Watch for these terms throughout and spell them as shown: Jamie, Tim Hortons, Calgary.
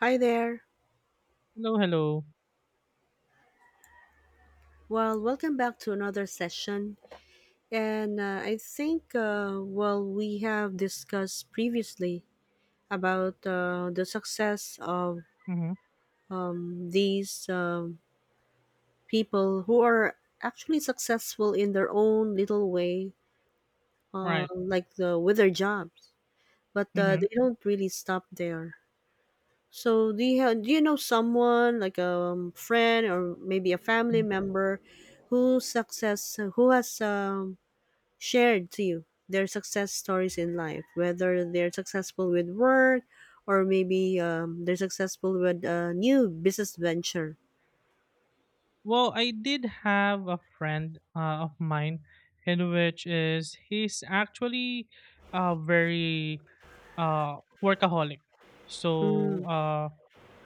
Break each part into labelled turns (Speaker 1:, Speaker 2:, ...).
Speaker 1: Hi there.
Speaker 2: Hello, hello.
Speaker 1: Well, welcome back to another session. And I think, well, We have discussed previously about the success of
Speaker 2: Mm-hmm.
Speaker 1: these people who are actually successful in their own little way,
Speaker 2: Right.
Speaker 1: like the with their jobs, but
Speaker 2: Mm-hmm.
Speaker 1: they don't really stop there. So, do you know someone like a friend or maybe a family
Speaker 2: mm-hmm.
Speaker 1: member who has shared to you their success stories in life, whether they're successful with work or maybe they're successful with a new business venture.
Speaker 2: Well, I did have a friend of mine, in which is he's actually very uh, workaholic. So
Speaker 1: Mm,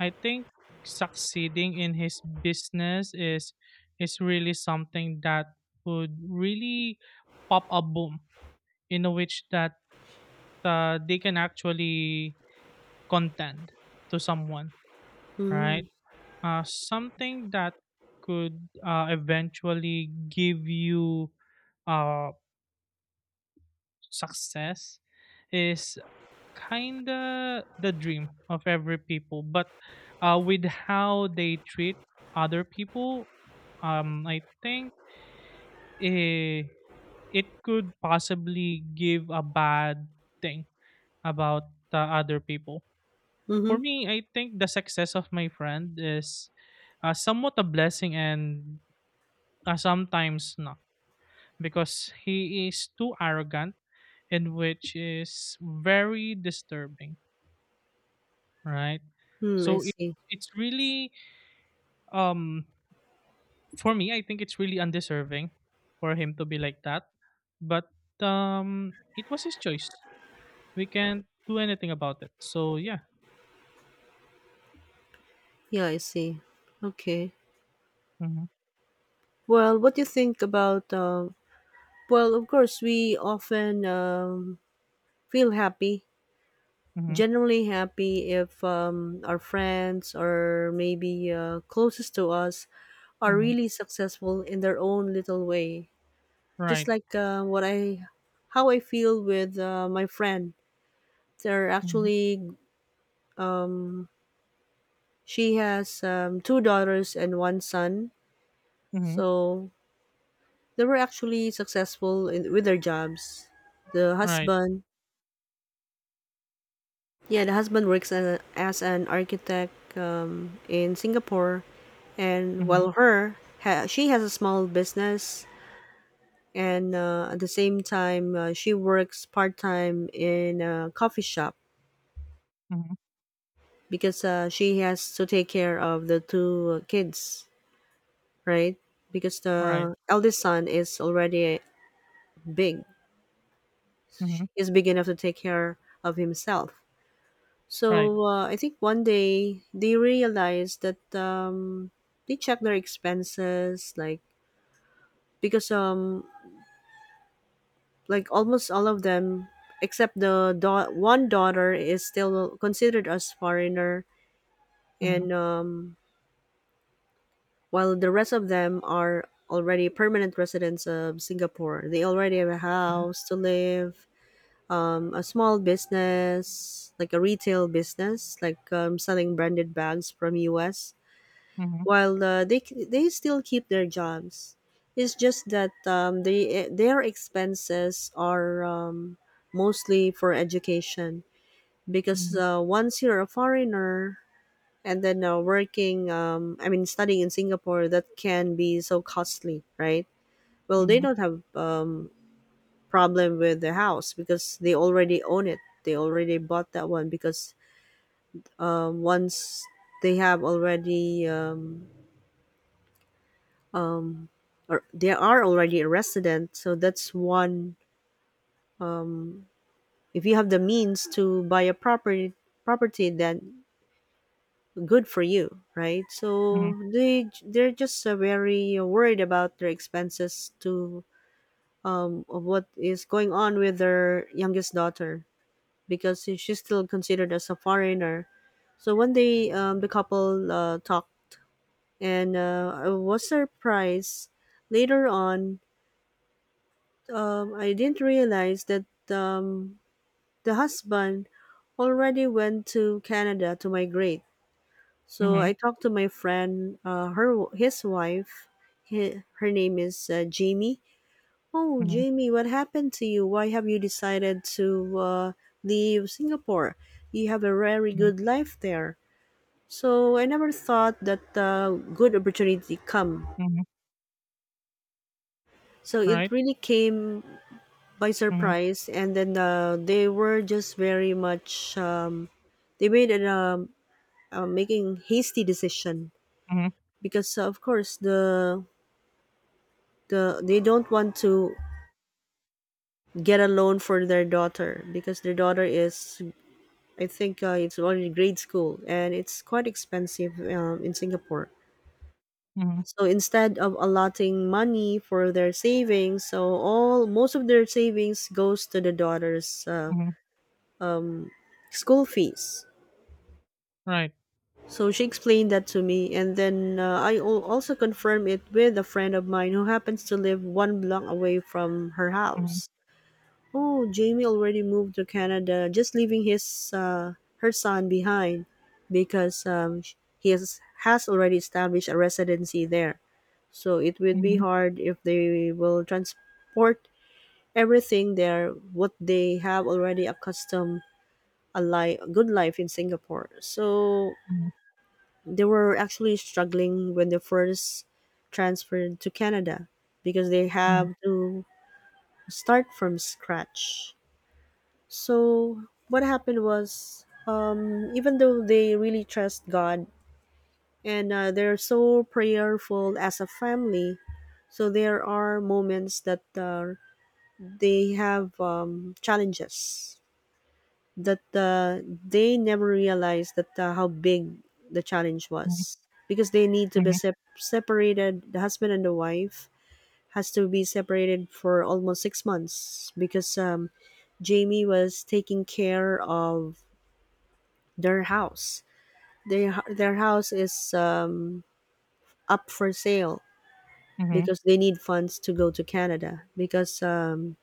Speaker 2: I think succeeding in his business is really something that would really pop a boom in which that they can actually contend to someone, right?
Speaker 1: mm,
Speaker 2: Something that could eventually give you uh, success is kind of the dream of every people, but with how they treat other people, I think eh, it could possibly give a bad thing about other people. For
Speaker 1: mm-hmm.
Speaker 2: me, I think the success of my friend is somewhat a blessing and sometimes not, because he is too arrogant, and which is very disturbing, right?
Speaker 1: Mm, I
Speaker 2: So it,
Speaker 1: see.
Speaker 2: it's really um for me I think it's really undeserving for him to be like that. But it was his choice. We can't do anything about it. So yeah.
Speaker 1: Yeah, I see. Okay.
Speaker 2: Mhm.
Speaker 1: Well, what do you think about? Well, of course, we often feel happy,
Speaker 2: Mhm.
Speaker 1: generally happy, if our friends or maybe closest to us are
Speaker 2: Mhm.
Speaker 1: really successful in their own little way. Just
Speaker 2: Right.
Speaker 1: like what I how I feel with my friend. They're
Speaker 2: Mhm.
Speaker 1: actually um, she has two daughters and one son,
Speaker 2: Mhm.
Speaker 1: so they were actually successful in, with their jobs. The
Speaker 2: Right.
Speaker 1: husband, yeah, the husband works as an architect in Singapore, and
Speaker 2: Mhm.
Speaker 1: while she has a small business. And at the same time, she works part time in a coffee shop
Speaker 2: Mhm.
Speaker 1: because she has to take care of the two kids, right? Because
Speaker 2: Right.
Speaker 1: the eldest son is already big,
Speaker 2: Mhm.
Speaker 1: he's big enough to take care of himself.
Speaker 2: Right.
Speaker 1: So I think one day they realized that they check their expenses, like because like almost all of them except one daughter is still considered as foreigner
Speaker 2: Mhm.
Speaker 1: and while the rest of them are already permanent residents of Singapore. They already have a
Speaker 2: Mhm.
Speaker 1: house to live, a small business, like a retail business, like selling branded bags from US.
Speaker 2: Mhm.
Speaker 1: While they still keep their jobs, it's just that their expenses are mostly for education because
Speaker 2: Mhm.
Speaker 1: once you're a foreigner, and then working I mean studying in Singapore, that can be so costly, right? Well, they
Speaker 2: Mhm.
Speaker 1: don't have problem with the house because they already own it. They already bought that one because once they have already um, um, they are already a resident, so that's one. um, if you have the means to buy a property, then good for you, right? So they're just very worried about their expenses, to of what is going on with their youngest daughter because she's still considered as a foreigner. So one day the couple talked and I was surprised later on. I didn't realize that um, the husband already went to Canada to migrate. So
Speaker 2: Mhm.
Speaker 1: I talked to my friend, her his wife, her name is Jamie. Oh,
Speaker 2: Mhm.
Speaker 1: Jamie, what happened to you? Why have you decided to leave Singapore? You have a very
Speaker 2: Mhm.
Speaker 1: good life there. So I never thought that good opportunity come.
Speaker 2: Mhm.
Speaker 1: So it
Speaker 2: Right.
Speaker 1: really came by
Speaker 2: Mhm.
Speaker 1: surprise, and then they were just very much. They made an Making hasty decision,
Speaker 2: Mhm.
Speaker 1: because of course they don't want to get a loan for their daughter because their daughter is, I think it's only grade school and it's quite expensive in Singapore.
Speaker 2: Mhm.
Speaker 1: So instead of allotting money for their savings, so all most of their savings goes to the daughter's
Speaker 2: Mhm.
Speaker 1: um, school fees.
Speaker 2: Right.
Speaker 1: So she explained that to me, and then I also confirmed it with a friend of mine who happens to live one block away from her house.
Speaker 2: Mhm.
Speaker 1: Oh, Jamie already moved to Canada, just leaving his her son behind because has already established a residency there. So it would be
Speaker 2: Mhm.
Speaker 1: hard if they will transport everything there, what they have already accustomed good life in Singapore. So
Speaker 2: Mhm.
Speaker 1: they were actually struggling when they first transferred to Canada because they have to start from scratch. So what happened was, even though they really trust God and they're so prayerful as a family, so there are moments that they have challenges that they never realized that how big the challenge
Speaker 2: Mhm.
Speaker 1: was, because they need to be
Speaker 2: Mhm.
Speaker 1: separated. The husband and the wife has to be separated for almost 6 months because Jamie was taking care of their house. Their their house is up for sale
Speaker 2: Mhm. Mhm.
Speaker 1: because they need funds to go to Canada because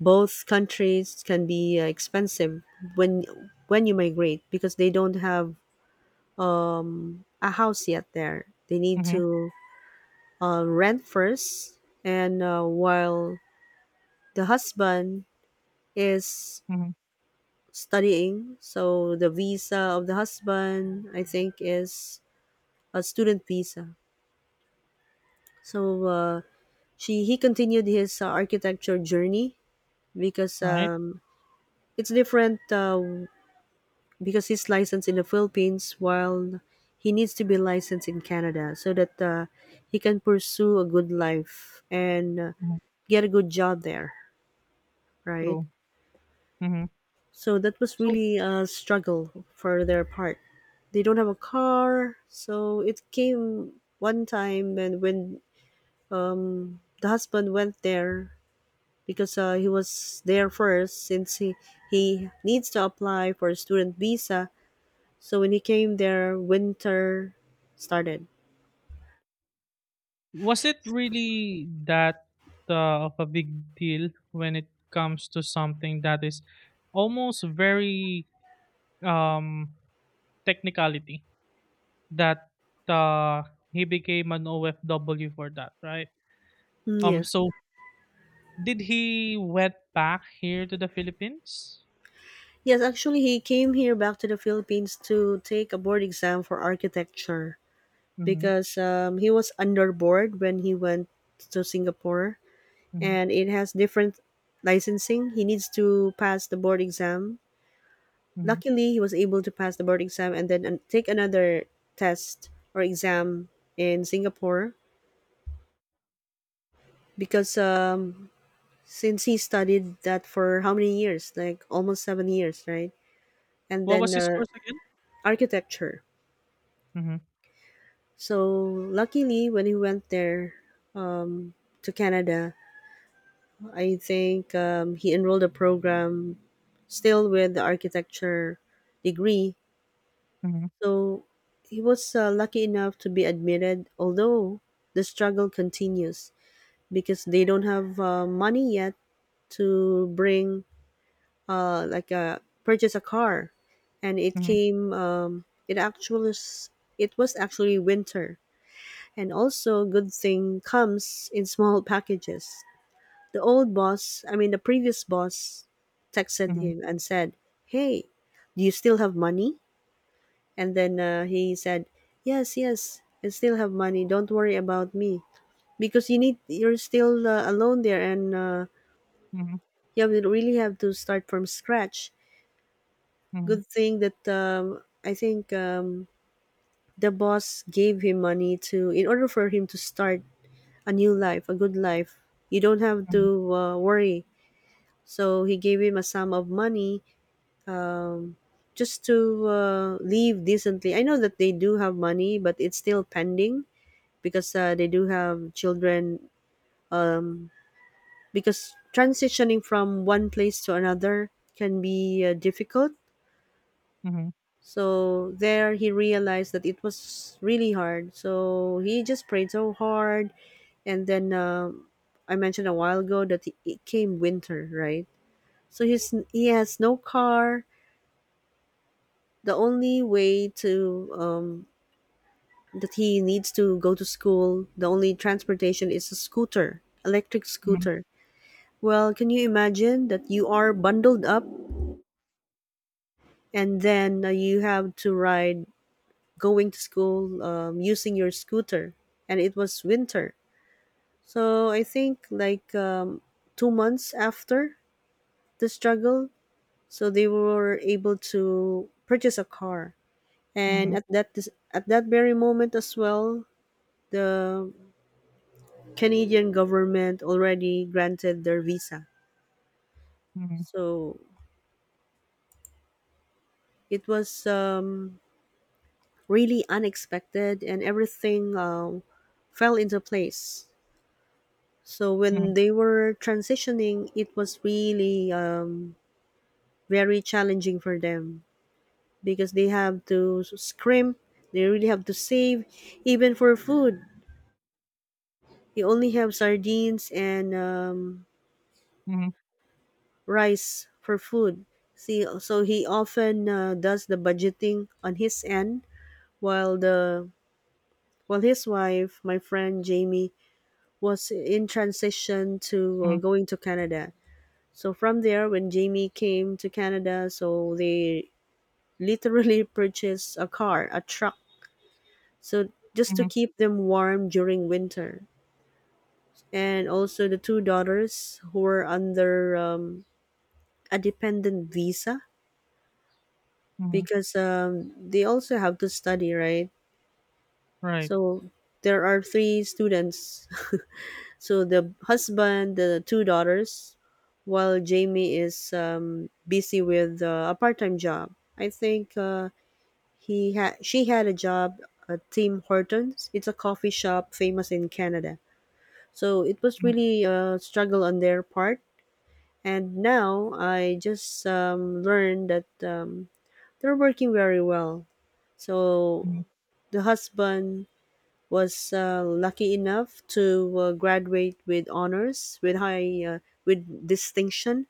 Speaker 1: both countries can be expensive when you migrate because they don't have a house yet there. They need
Speaker 2: Mhm.
Speaker 1: to rent first, and while the husband is
Speaker 2: Mhm.
Speaker 1: studying, so the visa of the husband, I think, is a student visa. So she he continued his architecture journey because
Speaker 2: Right.
Speaker 1: it's different because he's licensed in the Philippines while he needs to be licensed in Canada so that he can pursue a good life and
Speaker 2: Mhm.
Speaker 1: get a good job there, right?
Speaker 2: True. Mhm.
Speaker 1: So that was
Speaker 2: So
Speaker 1: really a struggle for their part. They don't have a car, so it came one time, and when the husband went there because he was there first since he needs to apply for a student visa. So when he came there, winter started.
Speaker 2: was it really that of a big deal when it comes to something that is almost very um technicality that uh he became an OFW for that, right?
Speaker 1: Mm,
Speaker 2: Um,
Speaker 1: yes.
Speaker 2: so did he went back here to the Philippines?
Speaker 1: Yes, actually, he came here back to the Philippines to take a board exam for architecture
Speaker 2: Mm-hmm.
Speaker 1: because he was underboard when he went to Singapore,
Speaker 2: mm-hmm,
Speaker 1: and it has different licensing. He needs to pass the board exam.
Speaker 2: Mhm.
Speaker 1: Luckily, he was able to pass the board exam and then take another test or exam in Singapore because since he studied that for how many years? Like almost 7 years, right? And
Speaker 2: What
Speaker 1: then
Speaker 2: was his course again?
Speaker 1: architecture.
Speaker 2: Mhm,
Speaker 1: So luckily, when he went there um, to Canada, I think he enrolled a program still with the architecture degree.
Speaker 2: mhm,
Speaker 1: So he was lucky enough to be admitted, although the struggle continues because they don't have money yet to bring, purchase a car. And it
Speaker 2: mhm,
Speaker 1: came, it was actually winter. And also, good thing comes in small packages. The old boss, I mean, the previous boss, texted
Speaker 2: mhm,
Speaker 1: him and said, Hey, do you still have money? And then he said, "Yes, yes, I still have money. Don't worry about me because you're still alone there, and
Speaker 2: mhm,
Speaker 1: yeah, we really have to start from scratch."
Speaker 2: mhm,
Speaker 1: Good thing that I think the boss gave him money, to in order for him to start a new life, a good life. You don't have
Speaker 2: mhm,
Speaker 1: to worry. So he gave him a sum of money. Um, just to leave decently. I know that they do have money, but it's still pending because they do have children, um, because transitioning from one place to another can be difficult.
Speaker 2: mhm,
Speaker 1: So there he realized that it was really hard, so he just prayed so hard. And then I mentioned a while ago that it came winter, right? So he has no car. The only way to that he needs to go to school, the only transportation is a scooter, electric
Speaker 2: mhm,
Speaker 1: scooter. Well, can you imagine that you are bundled up and then you have to ride going to school using your scooter? And it was winter. So I think like 2 months after the struggle, so they were able to purchase a car. And
Speaker 2: mhm,
Speaker 1: at at that very moment as well, the Canadian government already granted their visa.
Speaker 2: mhm,
Speaker 1: So it was really unexpected, and everything fell into place. So
Speaker 2: mhm,
Speaker 1: when they were transitioning, it was really very challenging for them because they have to scrimp, they really have to save, even for food. They only have sardines and
Speaker 2: mhm,
Speaker 1: rice for food. See, so he often does the budgeting on his end, while the while his wife, my friend Jamie, was in transition to
Speaker 2: mhm,
Speaker 1: going to Canada. So from there, when Jamie came to Canada, so they literally purchased a car, a truck, so just to
Speaker 2: mhm,
Speaker 1: keep them warm during winter. And also the two daughters who were under a dependent visa
Speaker 2: mhm.
Speaker 1: because they also have to study, right?
Speaker 2: Right.
Speaker 1: So there are three students. So the husband, the two daughters, while Jamie is busy with a part-time job. I think he had she had a job at Tim Hortons. It's a coffee shop famous in Canada. So it was
Speaker 2: Mhm,
Speaker 1: really a struggle on their part. And now I just learned that they're working very well.
Speaker 2: mhm,
Speaker 1: So the husband was lucky enough to graduate with honors with high with distinction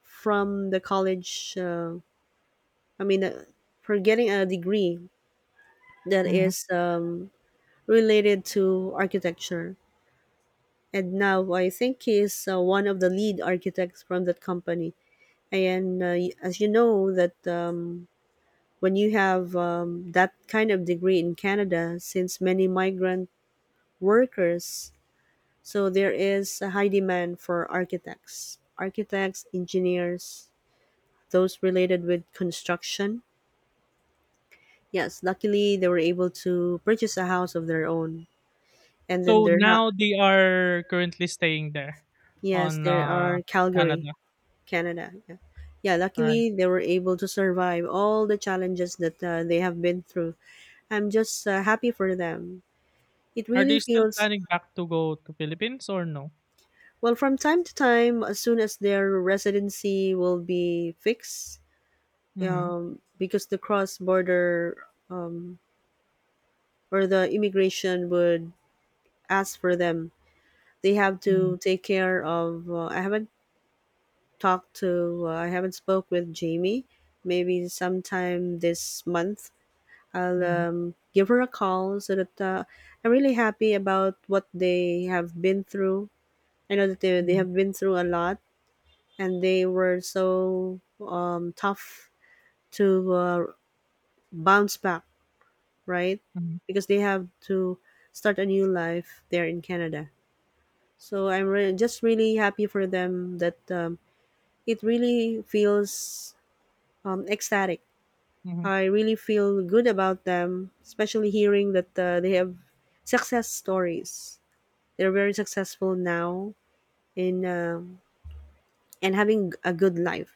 Speaker 1: from the college i mean uh, for getting a degree that
Speaker 2: mhm.
Speaker 1: is related to architecture. And now I think he is one of the lead architects from that company. And as you know that when you have that kind of degree in Canada, since many migrant workers. So there is a high demand for architects, engineers, those related with construction. Yes, luckily they were able to purchase a house of their own. And then
Speaker 2: So now they are currently staying there
Speaker 1: yes,
Speaker 2: on
Speaker 1: there are Calgary,
Speaker 2: Canada,
Speaker 1: Canada. Yeah. Yeah,
Speaker 2: right?
Speaker 1: luckily they were able to survive all the challenges that they have been through. I'm just happy for them. It
Speaker 2: Are
Speaker 1: really
Speaker 2: they still
Speaker 1: feels,
Speaker 2: planning back to go to Philippines or no?
Speaker 1: well, from time to time. As soon as their residency will be fixed,
Speaker 2: Mhm,
Speaker 1: because the cross border um, or the immigration would ask for them. They have
Speaker 2: mhm,
Speaker 1: to take care of. I haven't talked to. I haven't spoke with Jamie. Maybe sometime this month I'll
Speaker 2: mhm,
Speaker 1: give her a call so that I'm really happy about what they have been through. I know that they
Speaker 2: mhm,
Speaker 1: have been through a lot, and they were so tough to bounce back, right?
Speaker 2: mhm,
Speaker 1: Because they have to start a new life there in Canada. So just really happy for them that it really feels ecstatic.
Speaker 2: mhm,
Speaker 1: I really feel good about them, especially hearing that they have success stories. They're very successful now in and having a good life.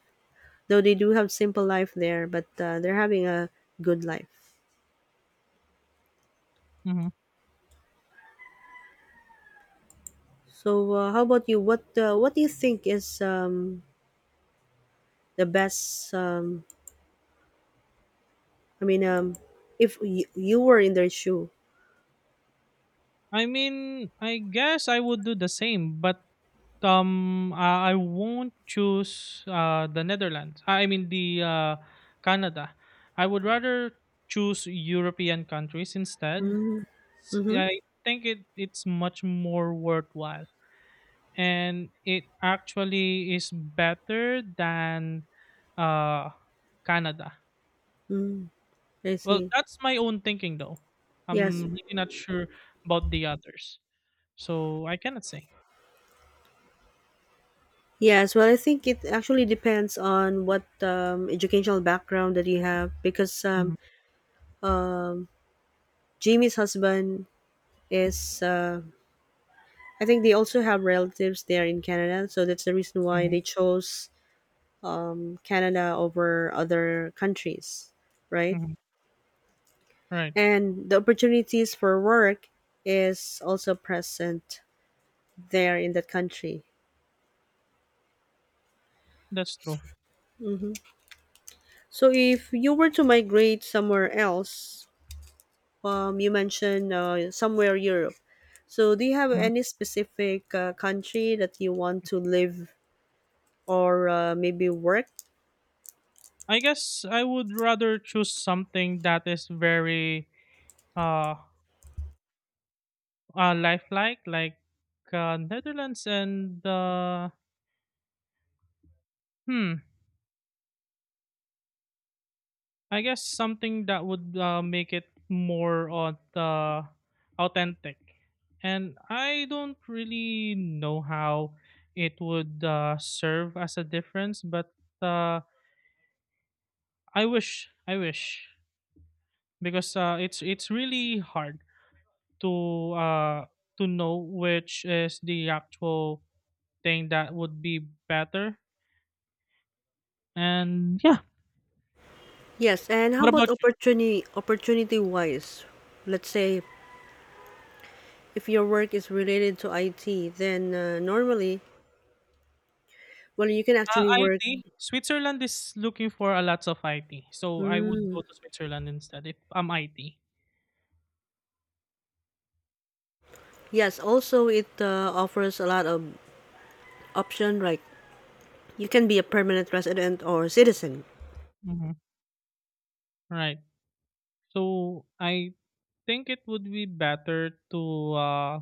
Speaker 1: Though they do have simple life there, but they're having a good life.
Speaker 2: mhm.
Speaker 1: So, how about you? What do you think is the best i mean um if you were in their shoe?
Speaker 2: I mean, I guess I would do the same, but I won't choose the Netherlands. I mean the Canada. I would rather choose European countries instead.
Speaker 1: Mm-hmm. Mm.
Speaker 2: I think it's much more worthwhile, and it actually is better than uh, Canada.
Speaker 1: I
Speaker 2: Well,
Speaker 1: see.
Speaker 2: that's my own thinking though.
Speaker 1: Yes,
Speaker 2: I'm really not sure about the others, so I cannot say.
Speaker 1: yes, well, I think it actually depends on what educational background that you have, because
Speaker 2: Mhm,
Speaker 1: Jamie's husband is I think they also have relatives there in Canada, so that's the reason why
Speaker 2: Mhm,
Speaker 1: they chose Canada over other countries, right?
Speaker 2: mhm. Right,
Speaker 1: And the opportunities for work is also present there in that country.
Speaker 2: that's true.
Speaker 1: So if you were to migrate somewhere else, you mentioned somewhere Europe. So do you have any specific country that you want to live, or maybe work?
Speaker 2: I guess I would rather choose something that is very uh, lifelike, like Netherlands, and hmm, I guess something that would make it more on the authentic. And I don't really know how it would serve as a difference, but uh, I wish, because it's really hard to uh to know which is the actual thing that would be better. And yeah,
Speaker 1: Yes, and how
Speaker 2: what
Speaker 1: about
Speaker 2: about you?
Speaker 1: opportunity wise? Let's say if your work is related to IT, then normally, well, you can actually work.
Speaker 2: IT, Switzerland is looking for a lots of IT, so I would go
Speaker 1: Mm,
Speaker 2: to Switzerland instead if I'm IT.
Speaker 1: yes, also it offers a lot of option. Like you can be a permanent resident or citizen.
Speaker 2: Mhm. Right. So I think it would be better to uh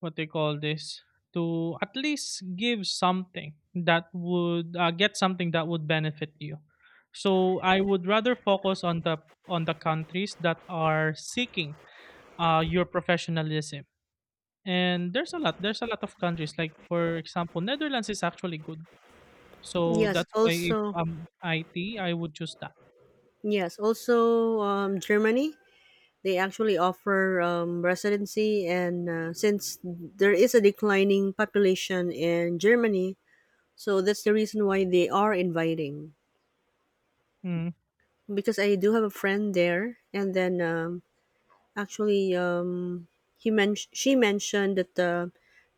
Speaker 2: what they call this, to at least give something that would get something that would benefit you, so I would rather focus on the countries that are seeking your professionalism, and there's a lot of countries, like for example Netherlands is actually good, so
Speaker 1: Yes,
Speaker 2: that's why if
Speaker 1: also
Speaker 2: I'm IT I would choose that.
Speaker 1: yes, also, Germany. They actually offer residency, and since there is a declining population in Germany, so that's the reason why they are inviting.
Speaker 2: Mm-hmm.
Speaker 1: Because I do have a friend there, and then actually, um, she mentioned that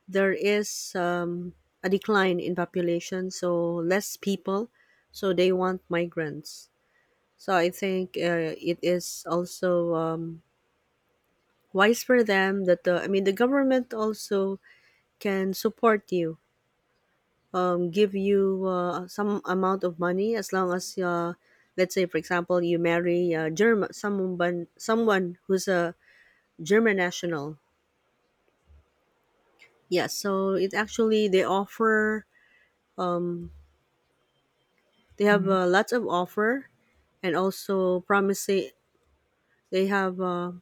Speaker 1: there is a decline in population, so less people, so they want migrants. So I think it is also wise for them that I mean, the government also can support you, give you some amount of money as long as let's say for example you marry a German, someone who's a German national. Yeah, so it actually they offer um, they have
Speaker 2: mm-hmm,
Speaker 1: lots of offer, and also promising, they have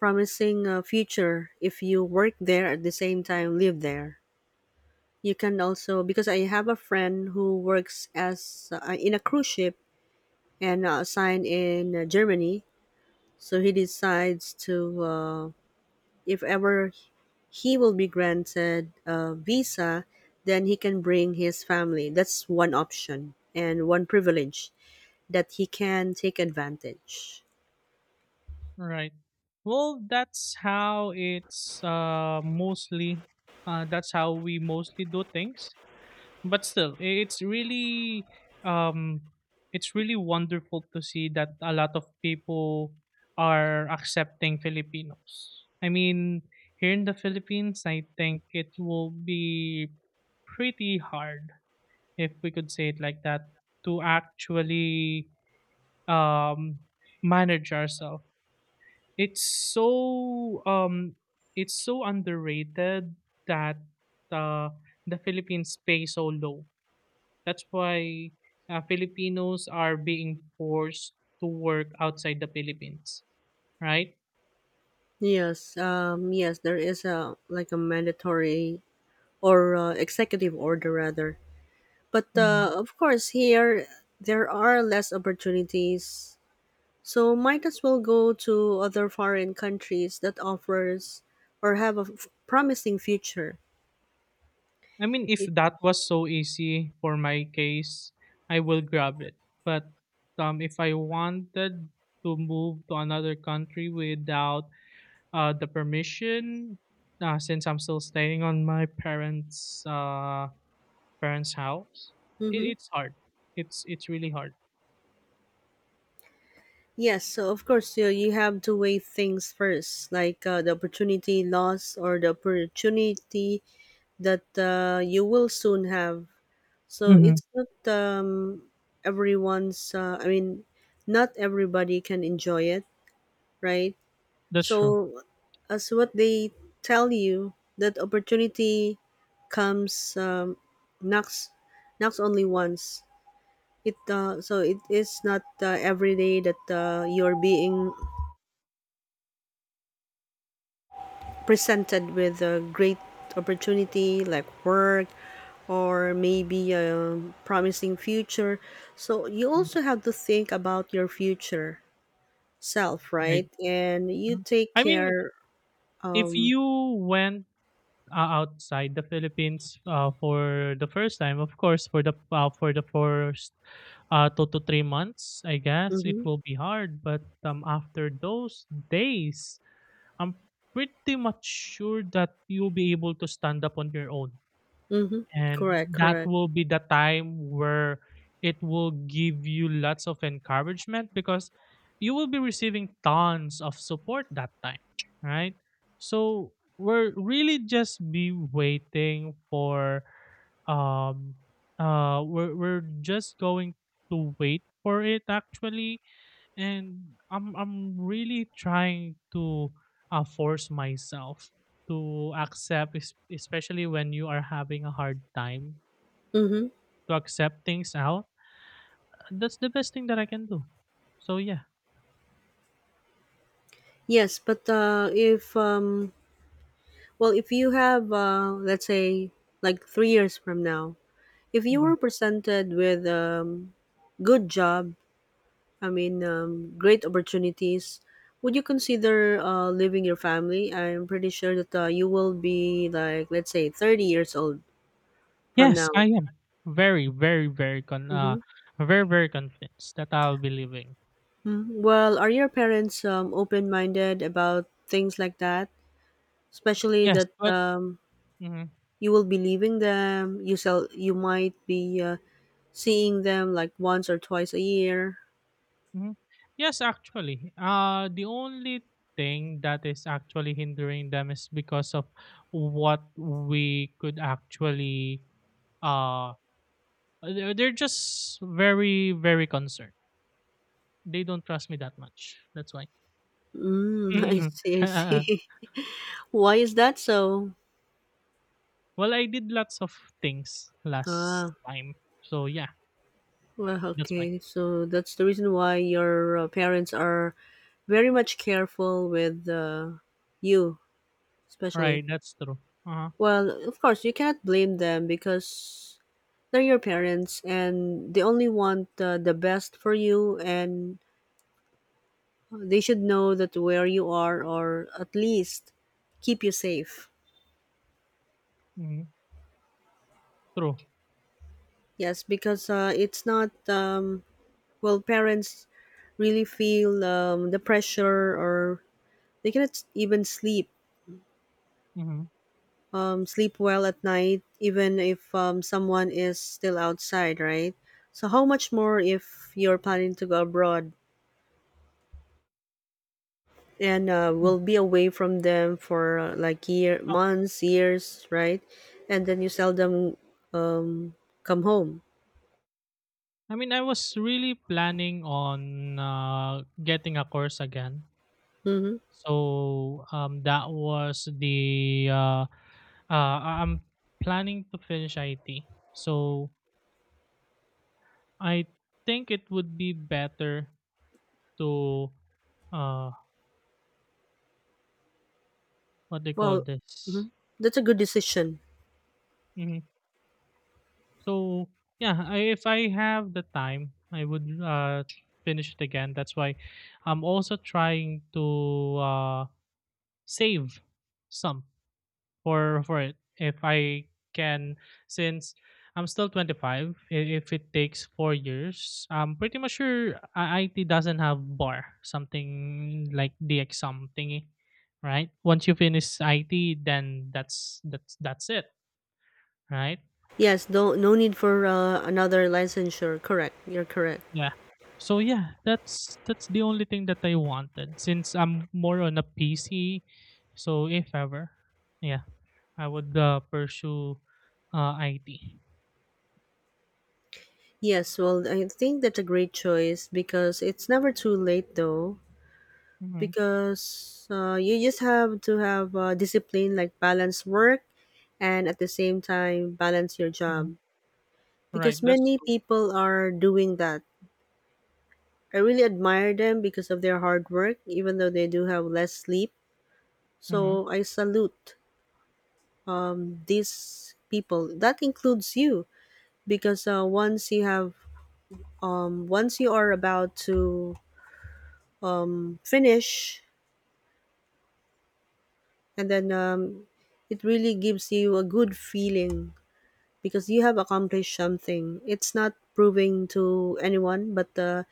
Speaker 1: promising future if you work there, at the same time live there. You can also, because I have a friend who works as in a cruise ship and assigned in Germany, so he decides to if ever he will be granted a visa, then he can bring his family. That's one option and one privilege that he can take advantage.
Speaker 2: right. Well, that's how it's mostly that's how we mostly do things, but still um it's really wonderful to see that a lot of people are accepting Filipinos. I mean, here in the Philippines, I think it will be pretty hard, if we could say it like that, to actually um manage ourselves. It's so um it's so underrated that uh, the Philippines pay so low, that's why Filipinos are being forced to work outside the Philippines, right?
Speaker 1: Yes, yes, there is a, like, a mandatory or executive order rather. But
Speaker 2: Mhm.
Speaker 1: of course, here there are less opportunities, so might as well go to other foreign countries that offers or have a promising future.
Speaker 2: I mean, if
Speaker 1: It,
Speaker 2: that was so easy for my case, I will grab it. But if I wanted to move to another country without the permission, since I'm still staying on my parents' house, it,
Speaker 1: hmm.
Speaker 2: it's hard. It's really hard.
Speaker 1: Yes, so of course you, you have to weigh things first, like the opportunity loss or the opportunity that you will soon have. So
Speaker 2: Mhm.
Speaker 1: it's not everyone's. I mean, not everybody can enjoy it, right?
Speaker 2: That's true,
Speaker 1: So, as what they tell you, that opportunity comes um, knocks knocks only once. It so it is not every day that you're being presented with a great opportunity like work or maybe a promising future. So you
Speaker 2: Mhm.
Speaker 1: also have to think about your future self,
Speaker 2: right?
Speaker 1: right? And you
Speaker 2: Mhm.
Speaker 1: take
Speaker 2: I mean,
Speaker 1: care.
Speaker 2: if
Speaker 1: Um,
Speaker 2: you went, ah, outside the Philippines, ah, for the first time, of course, for the first 2 to 3 months, I guess it
Speaker 1: mhm.
Speaker 2: will be hard, but, after those days, I'm pretty much sure that you'll be able to stand up on your own.
Speaker 1: Mm-hmm.
Speaker 2: And
Speaker 1: Correct,
Speaker 2: that
Speaker 1: correct.
Speaker 2: will be the time where it will give you lots of encouragement, because you will be receiving tons of support that time, right? So we're really just be waiting for um we're just going to wait for it actually. And I'm really trying to force myself to accept, especially when you are having a hard time
Speaker 1: Mm-hmm.
Speaker 2: to accept things out. That's the best thing that I can do. So yeah.
Speaker 1: Yes, but if well, if you have let's say like 3 years from now, if you
Speaker 2: Mhm.
Speaker 1: were presented with good job, I mean, great opportunities, would you consider leaving your family? I'm pretty sure that you will be, like, let's say 30 years old from now.
Speaker 2: Yes, I am very, very, very con, uh,
Speaker 1: Mm-hmm.
Speaker 2: very, very convinced that I'll be leaving.
Speaker 1: Hmm. Well, are your parents open-minded about things like that? Especially
Speaker 2: Yes,
Speaker 1: that
Speaker 2: but mhm.
Speaker 1: you will be leaving them. You sell. You might be seeing them like once or twice a year.
Speaker 2: Mhm. Yes, actually. The only thing that is actually hindering them is because of what we could actually uh they're just very, very concerned. They don't trust me that much. That's why.
Speaker 1: Mm, I
Speaker 2: Mm.
Speaker 1: see. I see. Why is that so?
Speaker 2: Well, I did lots of things last
Speaker 1: Ah,
Speaker 2: time. So yeah,
Speaker 1: well,
Speaker 2: that's why.
Speaker 1: okay. So that's the reason why your parents are very much careful with you, especially.
Speaker 2: Right, that's true. Uh-huh.
Speaker 1: Well, of course, you cannot blame them because they're your parents and they only want the best for you, and they should know that where you are, or at least keep you safe.
Speaker 2: Mhm. True.
Speaker 1: Yes, because it's not, well, parents really feel the pressure, or they cannot even sleep.
Speaker 2: Mhm.
Speaker 1: Sleep well at night, even if someone is still outside, right? So, how much more if you're planning to go abroad and will be away from them for like year, months, years, right? And then you seldom um, come home.
Speaker 2: I mean, I was really planning on getting a course again.
Speaker 1: Mhm.
Speaker 2: So that was I'm planning to finish IT. So I think it would be better to uh, what they call
Speaker 1: Well,
Speaker 2: this.
Speaker 1: mhm, that's a good decision.
Speaker 2: Hmm So yeah, I, if I have the time, I would finish it again. That's why I'm also trying to uh, save some for it if I can, since I'm still 25. If it takes 4 years, I'm pretty much sure IT doesn't have bar something like the exam thingy, right? Once you finish IT, then that's it, right?
Speaker 1: Yes, no, no need for another licensure. Correct. You're correct.
Speaker 2: yeah so yeah that's the only thing that I wanted, since I'm more on a PC. So if ever, yeah, I would pursue IT.
Speaker 1: Yes, well, I think that's a great choice because it's never too late though.
Speaker 2: Hmm
Speaker 1: Because you just have to have discipline, like balance work and at the same time balance your job.
Speaker 2: Right,
Speaker 1: Because
Speaker 2: that's
Speaker 1: many
Speaker 2: true.
Speaker 1: people are doing that. I really admire them because of their hard work, even though they do have less sleep.
Speaker 2: Mhm.
Speaker 1: So I salute these people that includes you, because once you have once you are about to finish, and then it really gives you a good feeling because you have accomplished something. It's not proving to anyone, but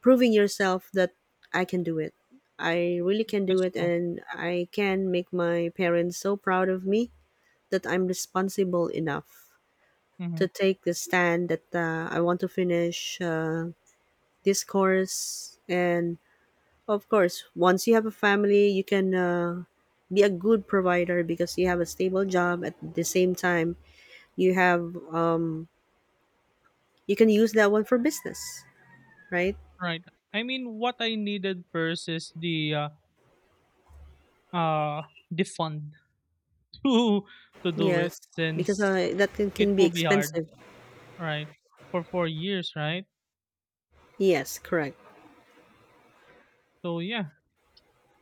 Speaker 1: proving yourself that I can do it. I really can do
Speaker 2: That's
Speaker 1: it,
Speaker 2: true.
Speaker 1: and I can make my parents so proud of me, that I'm responsible enough
Speaker 2: Mhm.
Speaker 1: to take the stand that I want to finish this course. And of course, once you have a family, you can be a good provider because you have a stable job. At the same time, you have you can use that one for business, right?
Speaker 2: Right. I mean, what I needed first is uh the fund to to do it,
Speaker 1: Yes, because
Speaker 2: since
Speaker 1: that
Speaker 2: it
Speaker 1: can be
Speaker 2: will be hard,
Speaker 1: expensive.
Speaker 2: right? For 4 years, right?
Speaker 1: Yes, correct.
Speaker 2: So yeah.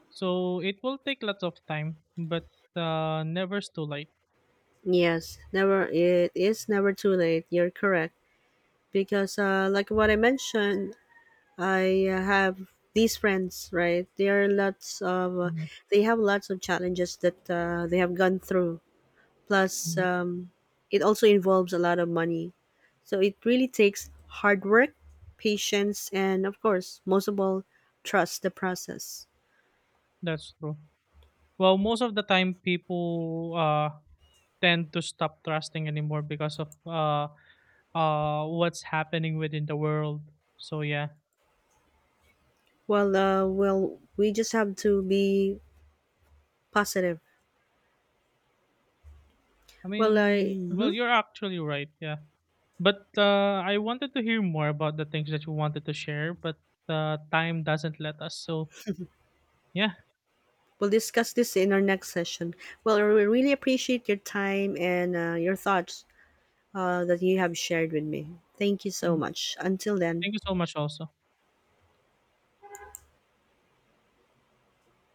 Speaker 2: So it will take lots of time, but never's too late.
Speaker 1: Yes, never. It is never too late. You're correct because, like what I mentioned, I have these friends, right? There are lots of,
Speaker 2: Mhm.
Speaker 1: they have lots of challenges that they have gone through. Plus,
Speaker 2: Mhm.
Speaker 1: it also involves a lot of money. So it really takes hard work, patience, and of course, most of all, trust the process.
Speaker 2: That's true. Well, most of the time people tend to stop trusting anymore because of what's happening within the world. So yeah.
Speaker 1: Well, well, we just have to be positive.
Speaker 2: I
Speaker 1: Well, I
Speaker 2: mean, well, you're actually right, yeah. But I wanted to hear more about the things that you wanted to share, but time doesn't let us. So, yeah,
Speaker 1: will discuss this in our next session. Well, I really appreciate your time and your thoughts that you have shared with me. Thank you so
Speaker 2: um,
Speaker 1: much. Until then,
Speaker 2: thank you so much, also.